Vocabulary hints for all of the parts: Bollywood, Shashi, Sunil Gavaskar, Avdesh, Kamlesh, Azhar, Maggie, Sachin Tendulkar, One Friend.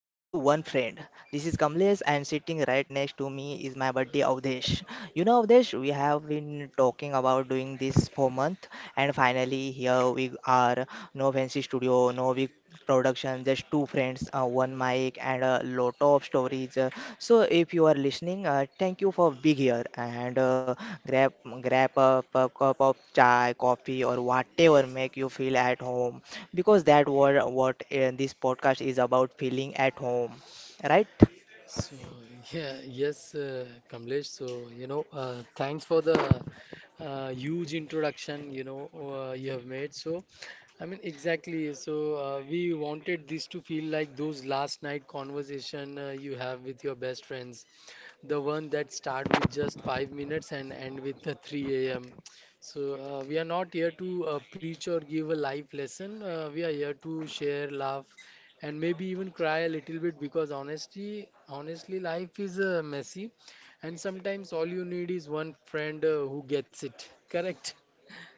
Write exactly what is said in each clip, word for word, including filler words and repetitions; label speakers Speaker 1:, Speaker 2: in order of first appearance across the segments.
Speaker 1: welcome to One Friend. This is Kamlesh and sitting right next to me is my buddy Avdesh. You know Avdesh, we have been talking about doing this for month and finally here we are. No fancy studio, no big production, just two friends, uh, one mic and a lot of stories. Uh, so if you are listening, uh, thank you for being here and uh, grab grab a, a cup of chai, coffee or whatever make you feel at home because that what what uh, this podcast is about feeling at home, right?
Speaker 2: So yeah, yes, uh, Kamlesh. So you know, uh, thanks for the uh, huge introduction. You know, uh, you have made. So I mean, exactly. So uh, we wanted this to feel like those last night conversation uh, you have with your best friends, the one that start with just five minutes and end with the three a m. So uh, we are not here to uh, preach or give a life lesson. Uh, we are here to share, laugh, and maybe even cry a little bit because honestly, honestly, life is uh, messy, and sometimes all you need is one friend uh, who gets it. Correct?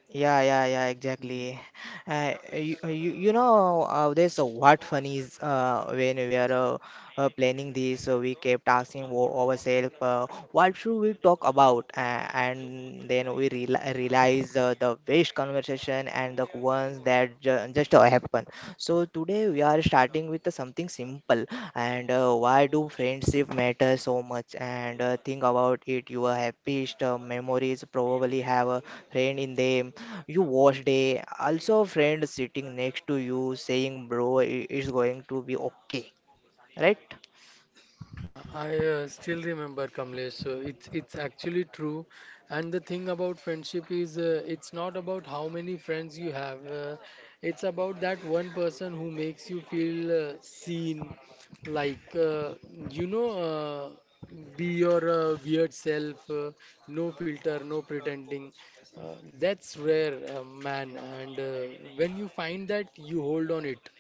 Speaker 1: Yeah, yeah, yeah, exactly. Uh, you, uh, you, you know, uh, there's a what funny is uh, when we are uh, uh, planning this, uh, we kept asking wo- ourselves, uh, what should we talk about? Uh, and then we reali realize uh, the best conversation and the ones that ju just uh, happen. So today we are starting with something simple and uh, why do friendship matter so much? And uh, think about it, your happiest uh, memories probably have a friend in them you watched day. Also a friend sitting next to you saying, "Bro, i- it's going to be okay," right?
Speaker 2: I uh, still remember Kamlesh. So it's it's actually true, and the thing about friendship is uh, it's not about how many friends you have. Uh, it's about that one person who makes you feel uh, seen, like uh, you know, uh, be your uh, weird self, uh, no filter, no pretending. Uh, that's rare, uh, man. And uh, when you find that, you hold on it.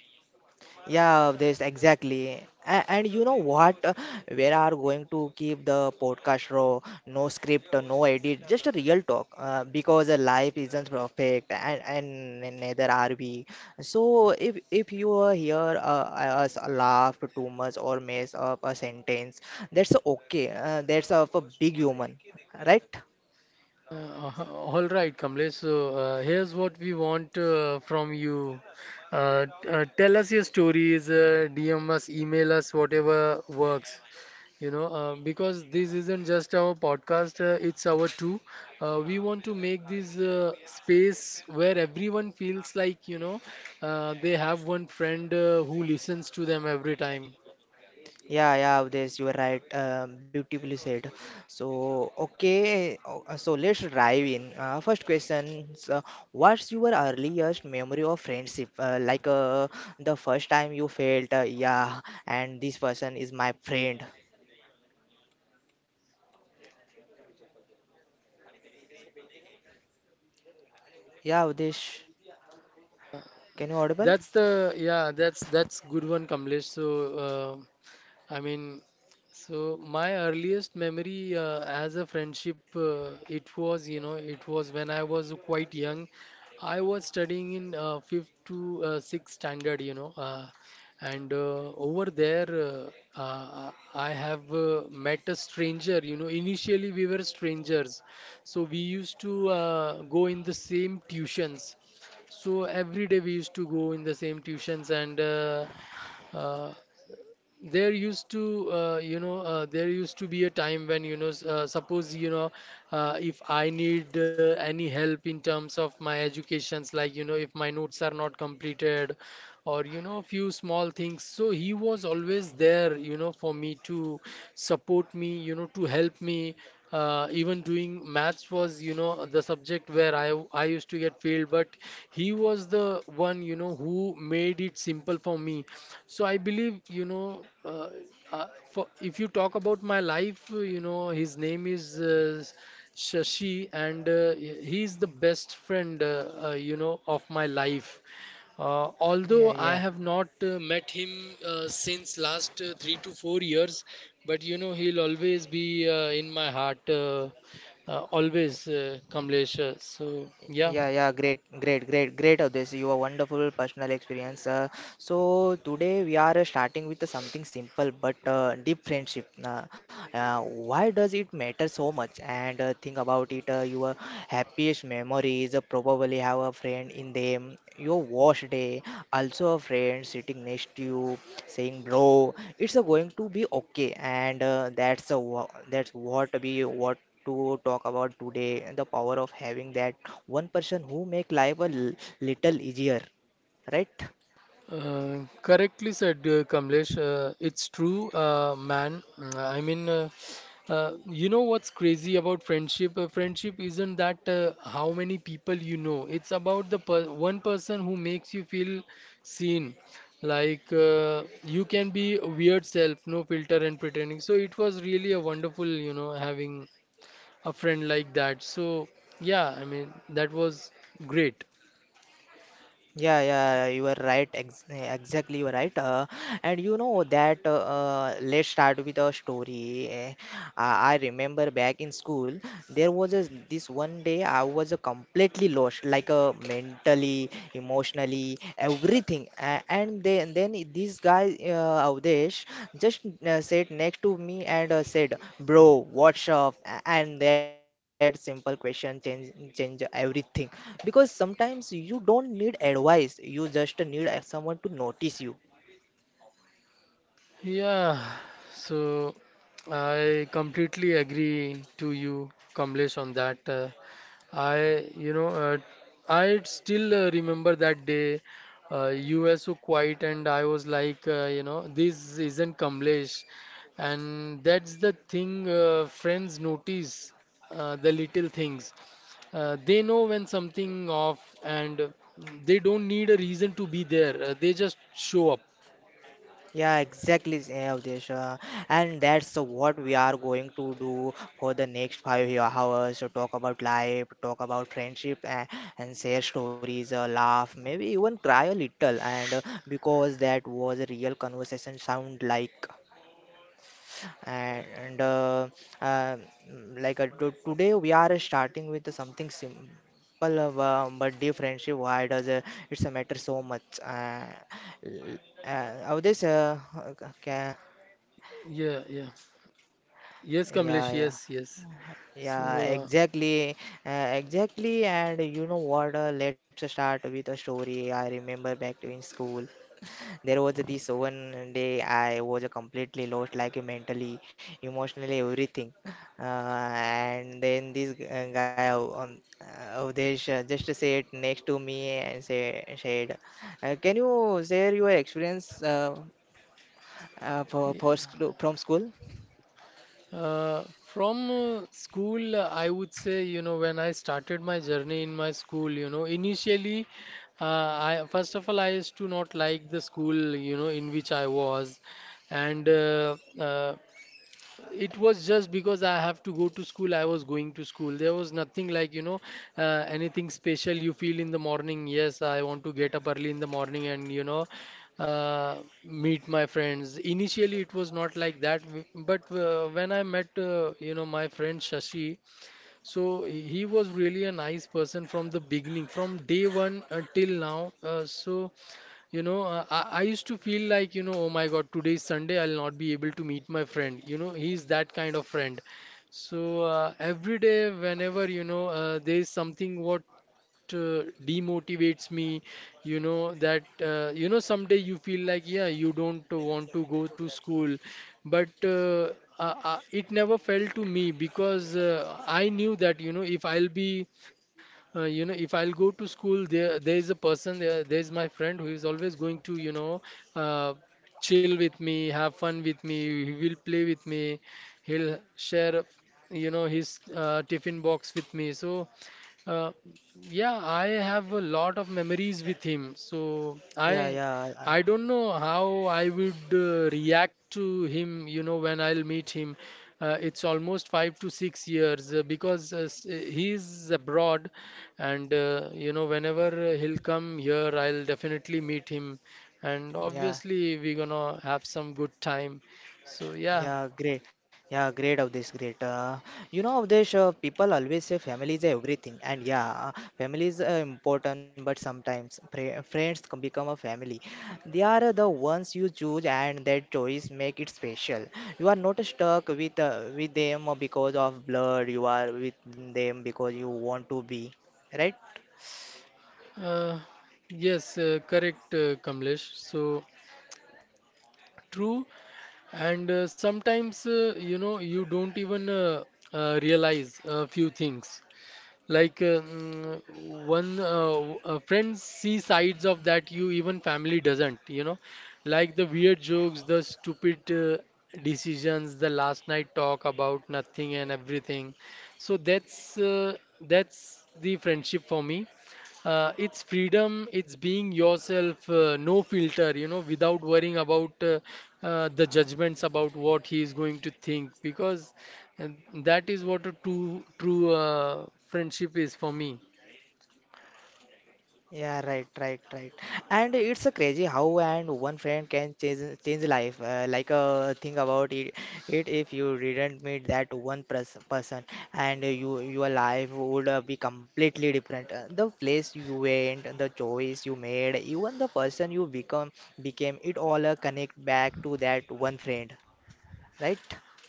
Speaker 1: Yeah, this exactly. And, and you know what? Uh, We are going to keep the podcast raw, no script, no edit, just a real talk. Uh, because uh, life isn't perfect, and, and neither are we. So if if you uh, hear uh, us laugh too much or mess up a sentence, that's okay. Uh, that's of a big human, right?
Speaker 2: Uh, h- all right, Kamlesh. So uh, here's what we want uh, from you. Uh, t- uh, tell us your stories, uh, D M us, email us, whatever works. You know, uh, because this isn't just our podcast; uh, it's our too. Uh, we want to make this uh, space where everyone feels like you know uh, they have one friend uh, who listens to them every time.
Speaker 1: Yeah, yeah, this you are right. Um, beautifully said. So, okay, o- uh, so let's dive in. Uh, first question: is, uh, what's your earliest memory of friendship? Uh, like uh, the first time you felt, uh, yeah, and this person is my friend. Yeah, Udesh, can you audible?
Speaker 2: That's the yeah. That's that's good one, Kamlesh. So. Uh, I mean, so my earliest memory uh, as a friendship, uh, it was, you know, it was when I was quite young. I was studying in uh, fifth to uh, sixth standard, you know, uh, and uh, over there uh, uh, I have uh, met a stranger. You know, initially we were strangers, so we used to uh, go in the same tuitions. So every day we used to go in the same tuitions, and uh, uh, there used to uh, you know uh, there used to be a time when you know s- uh, suppose you know uh, if I need uh, any help in terms of my educations, like you know, if my notes are not completed, or you know few small things, so he was always there you know for me to support me, you know, to help me. Uh, even doing maths was you know the subject where I I used to get failed, but he was the one you know who made it simple for me. So I believe you know uh, uh, for if you talk about my life, uh, you know his name is uh, Shashi, and uh, he is the best friend uh, uh, you know of my life, uh,
Speaker 1: Yeah,
Speaker 2: although I
Speaker 1: yeah.
Speaker 2: have not uh, met him uh, since last uh, three to four years, but you know he'll always be uh, in my heart, uh, uh, always, uh, Kamlesh. Uh, So yeah.
Speaker 1: Yeah, yeah, great, great, great, great of this. You are wonderful personal experience. Uh, so today we are uh, starting with uh, something simple but uh, deep friendship. Uh, uh, why does it matter so much? And uh, think about it. Uh, your happiest memories uh, probably have a friend in them. Your worst day, also a friend sitting next to you, saying, "Bro, it's uh, going to be okay." And uh, that's a, that's what we what to talk about today the power of having that one person who make life a l- little easier, right?
Speaker 2: Uh, correctly said, uh, Kamlesh. Uh, it's true, uh, man. Mm, I mean, uh, uh, you know what's crazy about friendship? Uh, friendship isn't that uh, how many people you know. It's about the per one person who makes you feel seen. Like uh, you can be a weird self, no filter and pretending. So it was really a wonderful, you know, having a friend like that. So yeah, I mean, that was great.
Speaker 1: Yeah, yeah, you are right. Ex exactly, you are right. Uh, and you know that uh, uh, let's start with a story. Eh, I, I remember back in school, there was a, this one day I was uh, completely lost, like uh, mentally, emotionally, everything. Uh, and then, then this guy, uh, Avdesh, just uh, sat next to me and uh, said, "Bro, what's up?" A- And that simple question change change everything, because sometimes you don't need advice, you just need uh, someone to notice you.
Speaker 2: Yeah, so I completely agree to you, Kamlesh, on that. Uh, I, you know, uh, I still uh, remember that day. Uh, you were so quiet, and I was like, uh, you know, this isn't Kamlesh, and that's the thing. Uh, friends notice uh, the little things. Uh, they know when something off, and uh, they don't need a reason to be there. Uh, they just show up.
Speaker 1: Yeah, exactly, Avdesh. uh, And that's what we are going to do for the next five year hours. So talk about life, talk about friendship, and, and share stories, uh, laugh, maybe even cry a little. And uh, because that was a real conversation, sound like. and uh, uh, mm, like uh, to today we are starting with something simple, uh, bu- but deep friendship, why does uh, it's a matter so much, uh, l- uh, how this, uh, okay,
Speaker 2: Yeah, yeah. Yes,
Speaker 1: yeah,
Speaker 2: Kamlesh,
Speaker 1: yeah,
Speaker 2: yes, yes.
Speaker 1: yeah,
Speaker 2: So,
Speaker 1: exactly. Uh, exactly, and you know what, uh, let's start with a story. I remember back to in school, there was this one day I was completely lost, like mentally, emotionally, everything. Uh, and then this g- uh, guy, um, uh, Avdesh, uh, just said next to me and say said, uh, can you share your experience, uh, uh, for, for sc- from school?
Speaker 2: uh, uh, from uh, school, uh, I would say, you know, when I started my journey in my school, you know, initially, uh, I first of all, I used to not like the school, you know, in which I was, and uh, uh, it was just because I have to go to school. I was going to school. There was nothing like, you know, uh, anything special you feel in the morning. Yes, I want to get up early in the morning and, you know, uh, meet my friends. Initially, it was not like that. w- But uh, when I met, uh, you know, my friend Shashi, so he was really a nice person from the beginning, from day one until now. Uh, so you know, uh, I, I used to feel like, you know, oh my God, today is Sunday, I'll not be able to meet my friend. You know, he's that kind of friend. So uh, every day, whenever, you know, uh, there is something what uh, demotivates me, you know, that uh, you know someday you feel like yeah you don't want to go to school, but uh, uh, uh, it never felt to me because uh, I knew that you know if I'll be uh, you know if I'll go to school, there there is a person, there there is my friend who is always going to you know uh, chill with me, have fun with me, he will play with me, he'll share you know his uh, tiffin box with me. So uh, yeah, I have a lot of memories with him. So I
Speaker 1: Yeah, yeah,
Speaker 2: I
Speaker 1: uh,
Speaker 2: don't know how I would uh, react to him, you know, when I'll meet him. Uh, it's almost five to six years uh, because uh, s- uh, he's abroad, and uh, you know, whenever uh, he'll come here, I'll definitely meet him, and
Speaker 1: yeah.
Speaker 2: obviously we're gonna have some good time. So yeah,
Speaker 1: Yeah, great. Yeah, great of this great. Uh, you know of this, uh, people always say family is everything, and yeah, uh, family is uh, important. But sometimes pre- friends can become a family. They are uh, the ones you choose, and that choice make it special. You are not stuck with uh, with them because of blood. You are with them because you want to be, right?
Speaker 2: uh, yes, uh, correct, uh, Kamlesh. So. True. And uh, sometimes, uh, you know, you don't even uh, uh, realize a few things, like um, one uh, uh, friends see sides of that you even family doesn't, you know, like the weird jokes, the stupid uh, decisions, the last night talk about nothing and everything. So that's uh, that's the friendship for me. Uh, it's freedom, it's being yourself, uh, no filter, you know, without worrying about uh, uh, the judgments about what he is going to think, because and that is what a true true uh, friendship is for me.
Speaker 1: Yeah, right, right, right. And it's a crazy how and one friend can change change life. Uh, like uh, think about it, it if you didn't meet that one pers person, and you your life would uh, be completely different. Uh, the place you went, the choice you made, even the person you become became, it all uh, connect back to that one friend, right?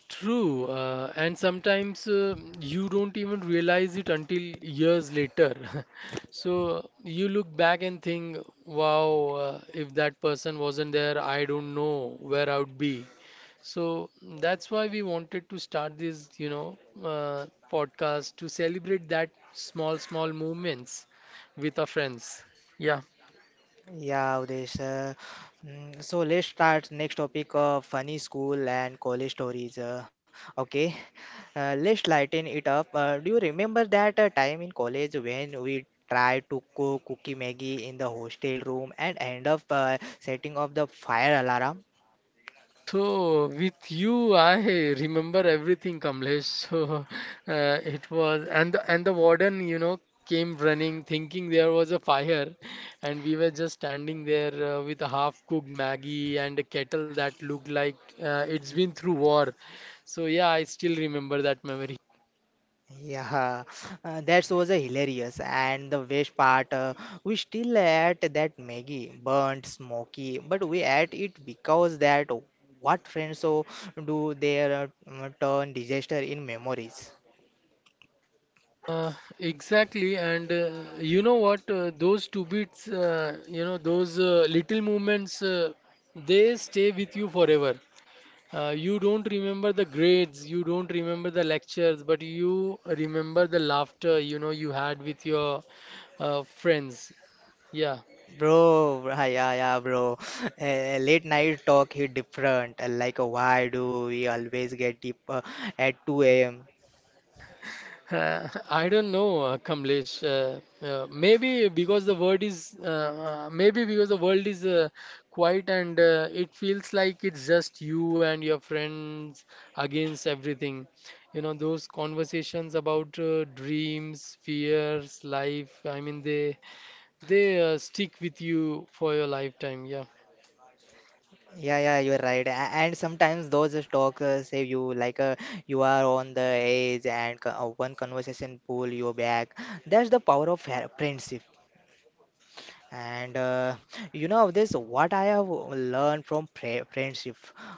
Speaker 2: True, uh, and sometimes uh, you don't even realize it until years later. So you look back and think, wow, uh, if that person wasn't there, I don't know where I would be. So that's why we wanted to start this, you know, uh, podcast to celebrate that small, small moments with our friends. Yeah.
Speaker 1: Yeah, Udesh. Uh, mm, so let's start next topic of funny school and college stories. Uh, okay, uh, let's lighten it up. Uh, do you remember that uh, time in college when we tried to cook cookie Maggie in the hostel room and end up uh, setting off the fire alarm?
Speaker 2: So with you, I remember everything, Kamlesh. So uh, it was, and the, and the warden, you know, came running, thinking there was a fire, and we were just standing there uh, with a half-cooked Maggie and a kettle that looked like uh, it's been through war. So yeah, I still remember that memory.
Speaker 1: Yeah, uh, that was a hilarious. And the best part, uh, we still ate that Maggie, burnt, smoky, but we ate it because that what friends so do their uh, turn disaster in memories.
Speaker 2: Uh, exactly, and uh, you know what? Uh, those two beats, uh, you know, those uh, little moments, uh, they stay with you forever. Uh, you don't remember the grades, you don't remember the lectures, but you remember the laughter you know you had with your uh, friends. Yeah.
Speaker 1: Bro, yeah, yeah, yeah, bro. Uh, late night talk hit different. uh, Like, uh, why do we always get deep uh, at two a m?
Speaker 2: Uh, I don't know, uh, Kamlesh. Uh, uh, maybe because the word is uh, uh, maybe because the world is uh, quiet, and uh, it feels like it's just you and your friends against everything. You know, those conversations about uh, dreams, fears, life. I mean, they they uh, stick with you for your lifetime. Yeah.
Speaker 1: Yeah, yeah, you're right. A- And sometimes those talks uh, save you, like uh, you are on the edge, and co- uh, one conversation pull you back. That's the power of ha- friendship. And uh, you know, this what I have learned from pre- friendship,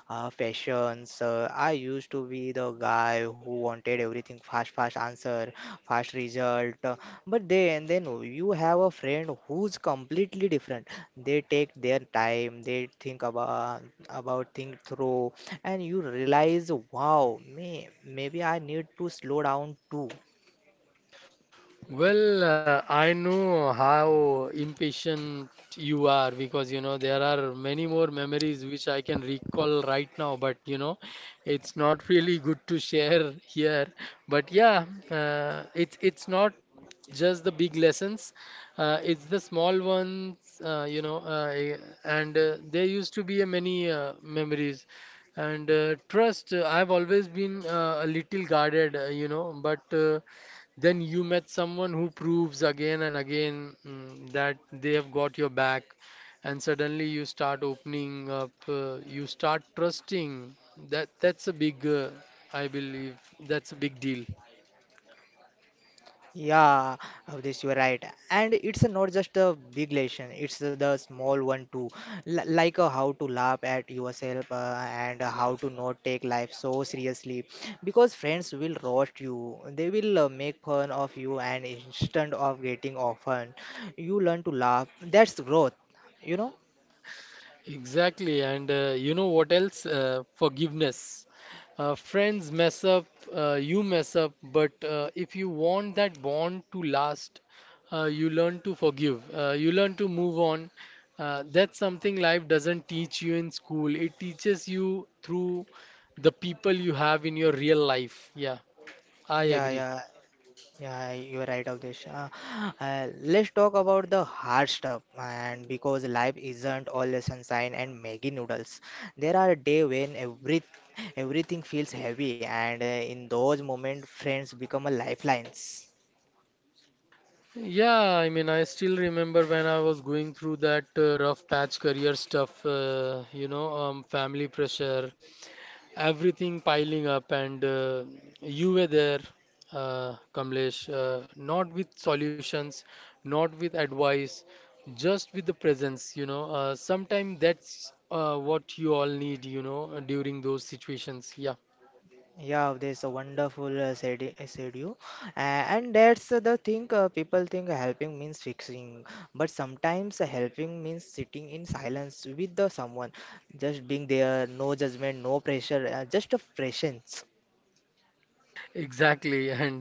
Speaker 1: uh, fashions. Uh, I used to be the guy who wanted everything fast, fast answer, fast result. uh, But then, then you have a friend who's completely different. They take their time. They think about about think through, and you realize, wow, may maybe I need to slow down too.
Speaker 2: Well, uh, I know how impatient you are because you know there are many more memories which I can recall right now, but you know it's not really good to share here. But yeah, uh, it's it's not just the big lessons, uh, it's the small ones, uh, you know, uh, eh, and uh, there used to be a many uh, memories. And uh, trust, uh, I've always been uh, a little guarded, uh, you know, but. Uh, then you met someone who proves again and again mm, that they have got your back, and suddenly you start opening up, uh, you start trusting. That that's a big, uh, I believe, that's a big deal.
Speaker 1: Yeah, Avdesh, you are right. And it's not just a big lesson, it's the small one too. L like uh, how to laugh at yourself, uh, and how to not take life so seriously. Because friends will roast you, they will uh, make fun of you, and instead of getting offended, you learn to laugh. That's growth, you know?
Speaker 2: Exactly, and uh, you know what else? Uh, forgiveness. Uh, friends mess up, uh, you mess up, but uh, if you want that bond to last, uh, you learn to forgive, uh, you learn to move on. Uh, that's something life doesn't teach you in school, it teaches you through the people you have in your real life. Yeah, I
Speaker 1: Yeah,
Speaker 2: agree.
Speaker 1: yeah. Yeah, you are right, Avdesh. Uh, uh, let's talk about the hard stuff. And because life isn't all sunshine and Maggie noodles, there are days when every everything feels heavy, and uh, in those moments, friends become a lifelines.
Speaker 2: Yeah, I mean, I still remember when I was going through that uh, rough patch, career stuff, uh, you know, um, family pressure, everything piling up and uh, you were there, uh, Kamlesh, uh, not with solutions, not with advice, just with the presence. You know uh, sometimes that's uh, what you all need, you know uh, during those situations, yeah.
Speaker 1: Yeah, there's a wonderful uh, said uh, said you, A- and that's the thing. Uh, people think helping means fixing, but sometimes helping means sitting in silence with the someone, just being there, no judgment, no pressure, uh, just a presence.
Speaker 2: Exactly. and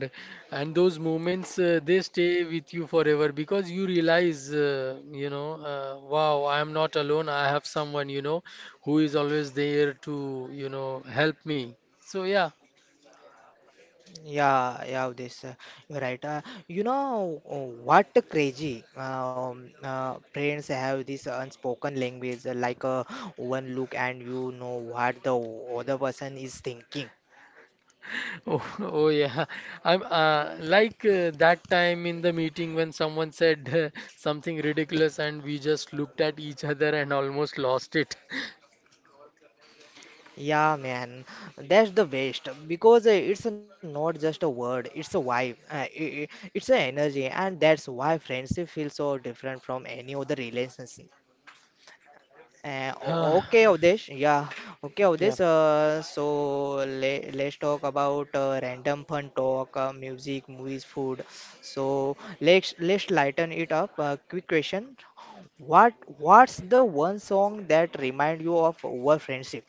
Speaker 2: and those moments, uh, they stay with you forever, because you realize, uh, you know uh, wow, I am not alone, I have someone, you know, who is always there to, you know, help me. So yeah.
Speaker 1: Yeah, yeah, this, uh, you're right. Uh, you know, uh, what crazy? Um, uh, parents have this unspoken language, uh, like uh, one look and you know what the other person is thinking.
Speaker 2: Oh, oh yeah. I'm uh, like uh, that time in the meeting when someone said uh, something ridiculous, and we just looked at each other and almost lost it.
Speaker 1: Yeah, man, that's the best because uh, it's not just a word, it's a vibe, uh, i- i- it's an energy, and that's why friendship feels so different from any other relationship. Uh, o-
Speaker 2: Ah,
Speaker 1: okay, Avdesh, yeah, okay,
Speaker 2: yeah.
Speaker 1: Avdesh. Uh, so le- let's talk about uh, random fun talk, uh, music, movies, food. So let's let's lighten it up. Uh, quick question: What what's the one song that remind you of our friendship?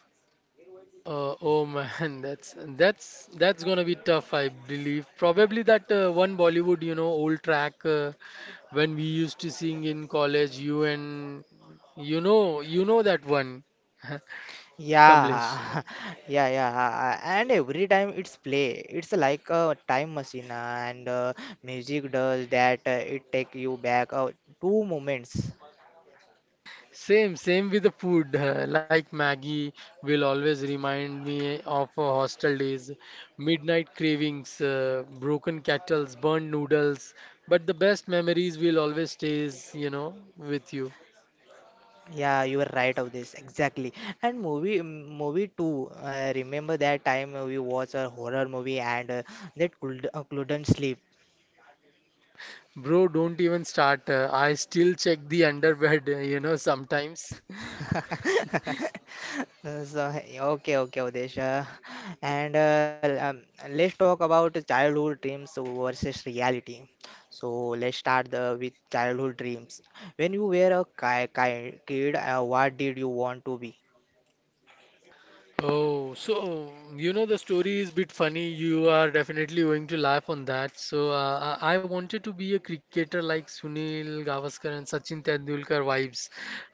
Speaker 2: Uh, oh man, that's that's that's gonna be tough, I believe. Probably that uh, one Bollywood, you know, old track, uh, when we used to sing in college. You and, you know, you know that one. Kamlesh.
Speaker 1: Yeah, yeah, yeah. And every time it's play, it's like a time machine, uh, and uh, music does that. Uh, it take you back uh, two moments.
Speaker 2: Same, same with the food. uh, Like Maggie will always remind me of uh, hostel days, midnight cravings, uh, broken kettles, burnt noodles. But the best memories will always stays, you know, with you.
Speaker 1: Yeah, you are right of this exactly. And movie, mm, movie too. Uh, remember that time we watched a horror movie and uh, that could, uh, couldn't sleep.
Speaker 2: Bro, don't even start. uh, I still check the underbed, uh, you know, sometimes.
Speaker 1: So, hey, okay, okay, Udesh. Uh, and uh, um, Let's talk about childhood dreams versus reality. So, let's start the, with childhood dreams. When you were a ki- ki- kid, uh, what did you want to be?
Speaker 2: Oh, so you know the story is a bit funny. You are definitely going to laugh on that. So uh, I I wanted to be a cricketer, like Sunil Gavaskar and Sachin Tendulkar vibes.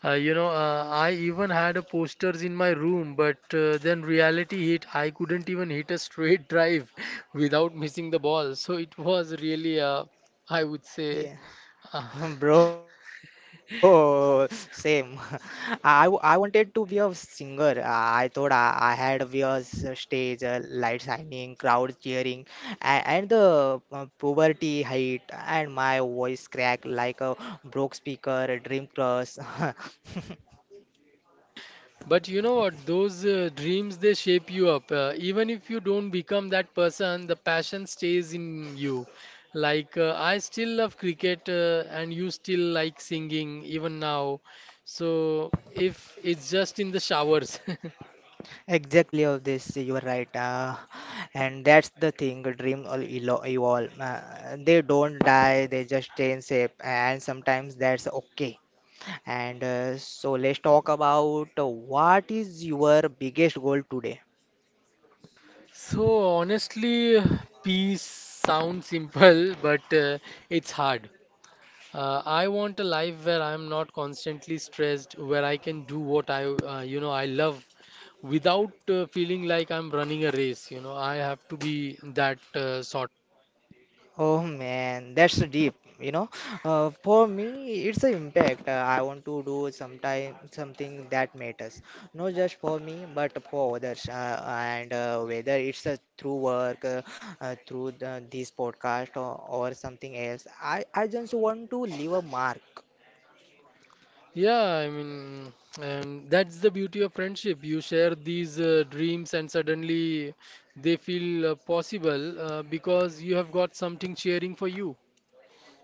Speaker 2: Uh, you know, uh, I even had a posters in my room, but uh, then reality hit. I couldn't even hit a straight drive without missing the ball. So it was really, uh, I would say. uh,
Speaker 1: Bro, same. I, w- I wanted to be a singer. I thought I, I had to be a s- stage, uh, light shining, crowd cheering, and, and the uh, poverty height, and my voice cracked like a broke speaker, a dream cross.
Speaker 2: But you know what? Those uh, dreams, they shape you up. Uh, even if you don't become that person, the passion stays in you. Like uh, I still love cricket, uh, and you still like singing even now. So if it's just in the showers.
Speaker 1: Exactly of this, you are right. Uh, and that's the thing, dream all evolve. Uh, they don't die, they just change shape, and sometimes that's okay. And uh, so let's talk about uh, what is your biggest goal today?
Speaker 2: So honestly, peace sounds simple, but uh, it's hard. Uh, I want a life where I'm not constantly stressed, where I can do what I, uh, you know, I love, without uh, feeling like I'm running a race. You know, I have to be that uh, sort.
Speaker 1: Oh man, that's deep. You know, uh, for me, it's an impact. Uh, I want to do sometime something that matters, not just for me, but for others. Uh, and uh, Whether it's uh, through work, uh, uh, through the, this podcast, or, or something else, I I just want to leave a mark.
Speaker 2: Yeah, I mean, and that's the beauty of friendship. You share these uh, dreams, and suddenly they feel uh, possible, uh, because you have got something cheering for you.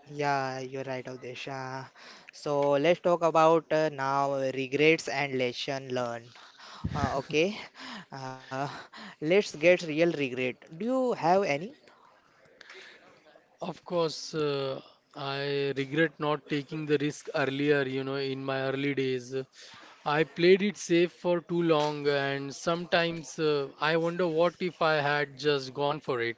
Speaker 1: Yeah, you're right, Avdesh. Uh, so let's talk about uh, now regrets and lesson learned. Uh, okay, uh, let's get real regret. Do you have any?
Speaker 2: Of course. uh, I regret not taking the risk earlier, you know, in my early days. I played it safe for too long, and sometimes uh, I wonder what if I had just gone for it.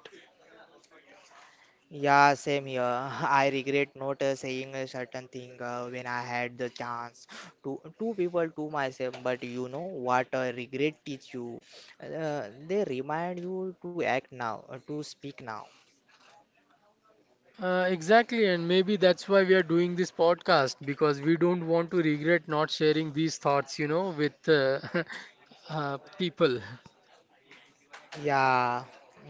Speaker 1: Yeah, same here. I regret not uh, saying a certain thing uh, when I had the chance to two people to myself. But you know what? Uh, regret teach you. Uh, they remind you to act now, uh, to speak now,
Speaker 2: Uh, exactly, and maybe that's why we are doing this podcast, because we don't want to regret not sharing these thoughts, you know, with uh, uh, people.
Speaker 1: yeah.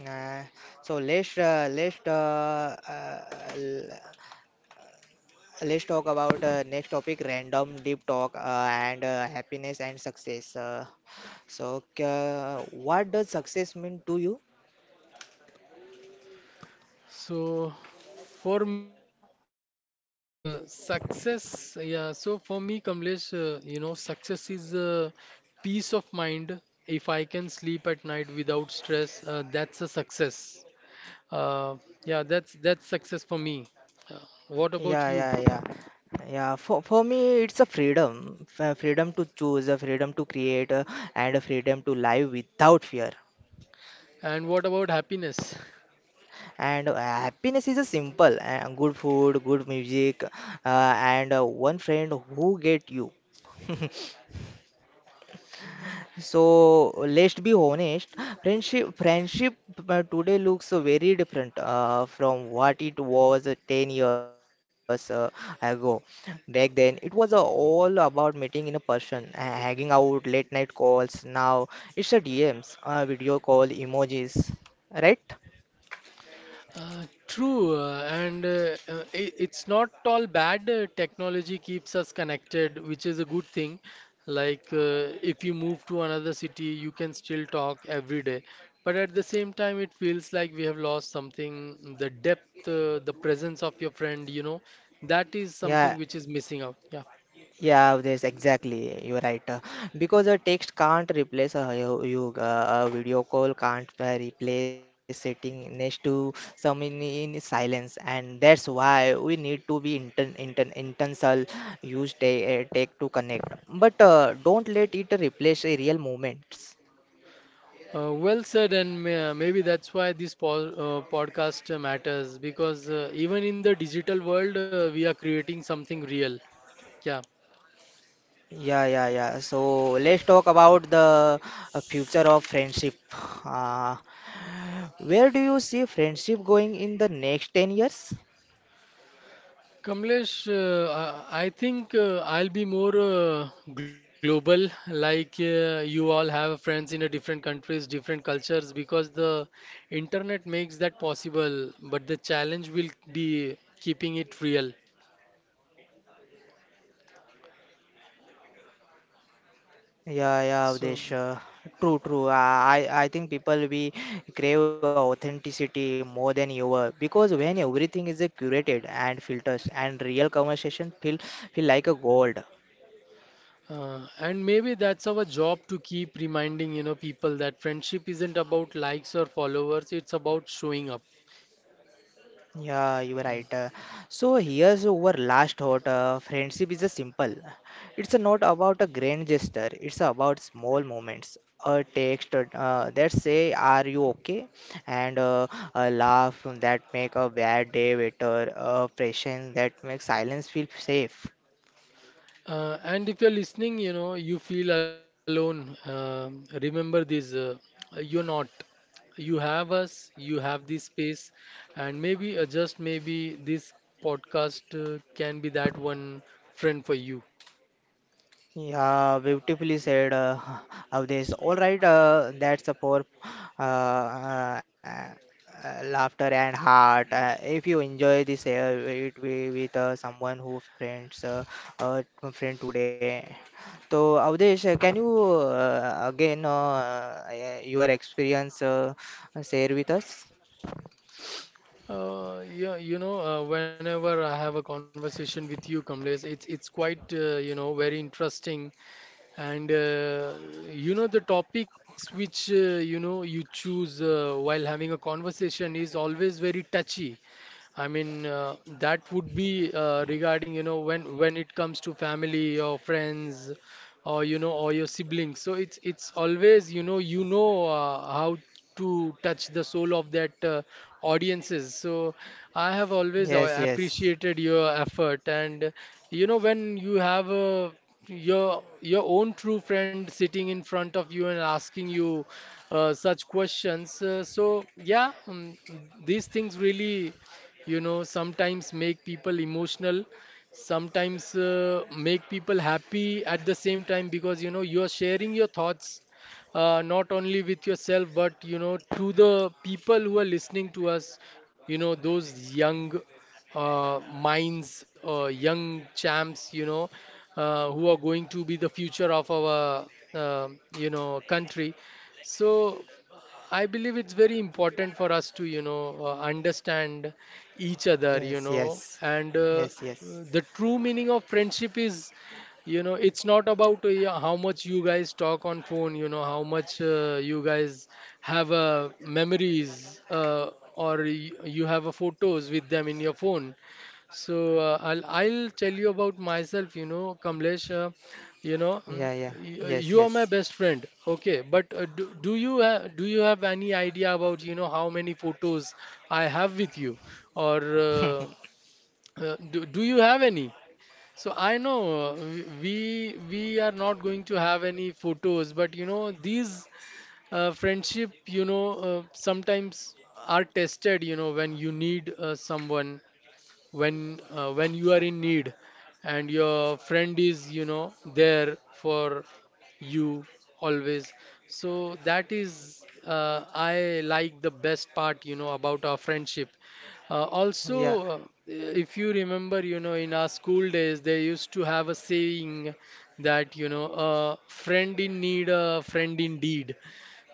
Speaker 1: Uh, so let's uh, let's uh, uh, l- let's talk about uh, next topic random deep talk, uh, and uh, happiness and success. Uh, so uh, what does success mean to you,
Speaker 2: So, for me, Kamlesh,
Speaker 1: Avdesh?
Speaker 2: uh, success, yeah, so for me, Kamlesh, uh, you know, success is uh, peace of mind. If I can sleep at night without stress, uh, that's a success. Uh, yeah, that's that's success for me. Uh, what
Speaker 1: Yeah,
Speaker 2: about you?
Speaker 1: yeah, yeah. Yeah, for, for me, it's a freedom, f- freedom to choose, a freedom to create, uh, and a freedom to live without fear.
Speaker 2: And what about happiness?
Speaker 1: And uh, happiness is a simple and good food, good music, uh, and uh, one friend who get you. So let's be honest, friendship friendship uh, today looks very different uh, from what it was uh, ten years uh, ago. Back then, it was uh, all about meeting in a person, uh, hanging out, late night calls. Now it's a D Ms, uh, video call, emojis, right?
Speaker 2: Uh, true, uh, and uh, uh, i- it's not all bad. uh, Technology keeps us connected, which is a good thing. Like, uh, if you move to another city, you can still talk every day. But at the same time, it feels like we have lost something, the depth, uh, the presence of your friend, you know, that is something
Speaker 1: Yeah,
Speaker 2: which is missing out. Yeah.
Speaker 1: yeah, there's exactly. You're right. Uh, Because a text can't replace a yo- you. Uh, a video call can't uh, replace sitting next to someone in silence, and that's why we need to be inten inten intentional. Use te- uh, tech to connect, but uh, don't let it replace a real moments.
Speaker 2: Uh, well said, and may, uh, maybe that's why this po- uh, podcast uh, matters, because uh, even in the digital world, uh, we are creating something real. Yeah.
Speaker 1: Yeah, yeah, yeah. So let's talk about the uh, future of friendship. Uh, where do you see friendship going in the next ten years?
Speaker 2: Kamlesh, uh, I I think uh, I'll be more uh, global, like uh, you all have friends in a different countries, different cultures, because the internet makes that possible, but the challenge will be keeping it real.
Speaker 1: Yeah, yeah,
Speaker 2: So,
Speaker 1: Avdesh. Uh, true, true. I, I I think people we crave authenticity more than ever because when everything is uh, curated and filters and real conversation feel feel like a gold.
Speaker 2: uh, and maybe that's our job, to keep reminding, you know, people that friendship isn't about likes or followers, it's about showing up.
Speaker 1: Yeah, you are right. Uh, So here's our last thought. Uh, friendship is a simple. It's not about a grand gesture. It's about small moments. A text uh, that say "Are you okay?" and uh, a laugh that make a bad day better. A presence that makes silence feel safe.
Speaker 2: Uh, and if you're listening, you know, you feel alone. Um remember this, uh, you're not. You have us, you have this space, and maybe, uh, just maybe, this podcast uh, can be that one friend for you.
Speaker 1: Yeah, beautifully said, uh, Avdesh. All right, uh, that's a poor uh, uh, uh, laughter and heart. Uh, if you enjoy this, uh, it be with uh, someone who friends uh, uh, friend today. So, Avdesh, uh, can you uh, again uh, uh, your experience uh, share with us?
Speaker 2: Uh, yeah, you know, uh, whenever I have a conversation with you, Kamlesh, it's it's quite, uh, you know, very interesting. And uh, you know, the topics which, uh, you know, you choose, uh, while having a conversation, is always very touchy. I mean, uh, that would be uh, regarding, you know, when when it comes to family or friends, or you know, or your siblings. So it's it's always, you know, you know, uh, how to touch the soul of that uh, audiences. So I have always uh,
Speaker 1: Yes, yes,
Speaker 2: appreciated your effort. And uh, you know, when you have a your your own true friend sitting in front of you and asking you uh, such questions, uh, so yeah, um, these things really, you know, sometimes make people emotional, sometimes uh, make people happy at the same time, because you know, you're sharing your thoughts, uh, not only with yourself, but you know, to the people who are listening to us, you know, those young uh, minds, uh, young champs, you know, uh, who are going to be the future of our, uh, you know, country. So I believe it's very important for us to, you know, uh, understand each other, you
Speaker 1: yes,
Speaker 2: know,
Speaker 1: yes,
Speaker 2: and uh,
Speaker 1: yes, yes.
Speaker 2: the true meaning of friendship is, you know, it's not about uh, yeah, how much you guys talk on phone, you know, how much uh, you guys have uh, memories, uh, or y you have uh, photos with them in your phone. So uh, I'll I'll tell you about myself, you know, Kamlesh. Uh, you know, mm,
Speaker 1: Yeah, yeah,
Speaker 2: y- uh,
Speaker 1: yes,
Speaker 2: you are my
Speaker 1: yes.
Speaker 2: best friend. Okay, but uh, do, do you ha do you have any idea about, you know, how many photos I have with you? Or uh, uh, do, do you have any? So I know, uh, we we are not going to have any photos, but you know, these uh, friendship, you know, uh, sometimes are tested, you know, when you need uh, someone, when uh, when you are in need and your friend is, you know, there for you, always. So that is uh, I like the best part, you know, about our friendship. Uh, also,
Speaker 1: Yeah,
Speaker 2: uh, if you remember, you know, in our school days, they used to have a saying, that you know, a friend in need, a friend indeed.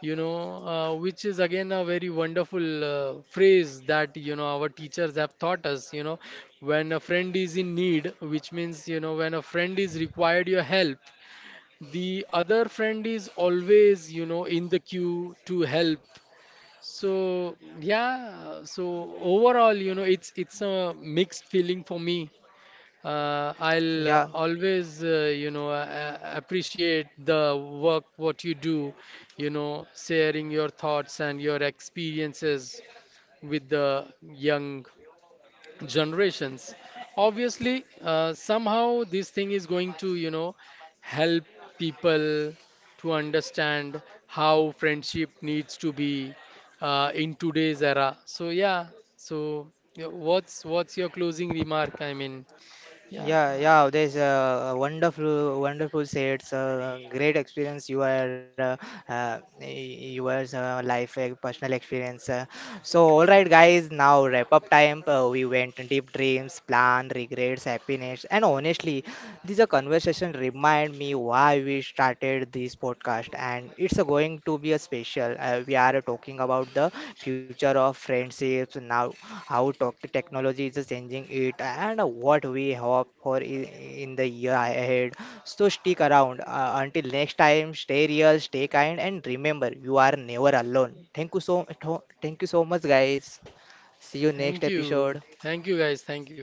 Speaker 2: You know, uh, which is again a very wonderful uh, phrase, that, you know, our teachers have taught us, you know, when a friend is in need, which means, you know, when a friend is required your help, the other friend is always, you know, in the queue to help. So, yeah, so overall, you know, it's it's a mixed feeling for me. uh,
Speaker 1: yeah.
Speaker 2: I'll always, uh, you know, uh, appreciate the work what you do, you know, sharing your thoughts and your experiences with the young generations. Obviously, uh, somehow this thing is going to, you know, help people to understand how friendship needs to be uh, in today's era. So yeah, so yeah, what's what's your closing remark? I mean, yeah.
Speaker 1: Yeah, yeah, there's a wonderful, wonderful sets, uh, great experience you are, uh, uh, y- your uh, life, uh, personal experience. Uh. So, all right, guys, now wrap up time. Uh, we went deep dreams, plan, regrets, happiness, and honestly, this a conversation remind me why we started this podcast, and it's uh, going to be a special. Uh, we are talking about the future of friendships now how tech- technology is changing it and what we hope for i- in the year ahead. So stick around. Uh, until next time, stay real, stay kind, and remember, you are never alone. Thank you so, Thank you so much, guys. See you next
Speaker 2: Thank you.
Speaker 1: episode.
Speaker 2: Thank you, guys. Thank you.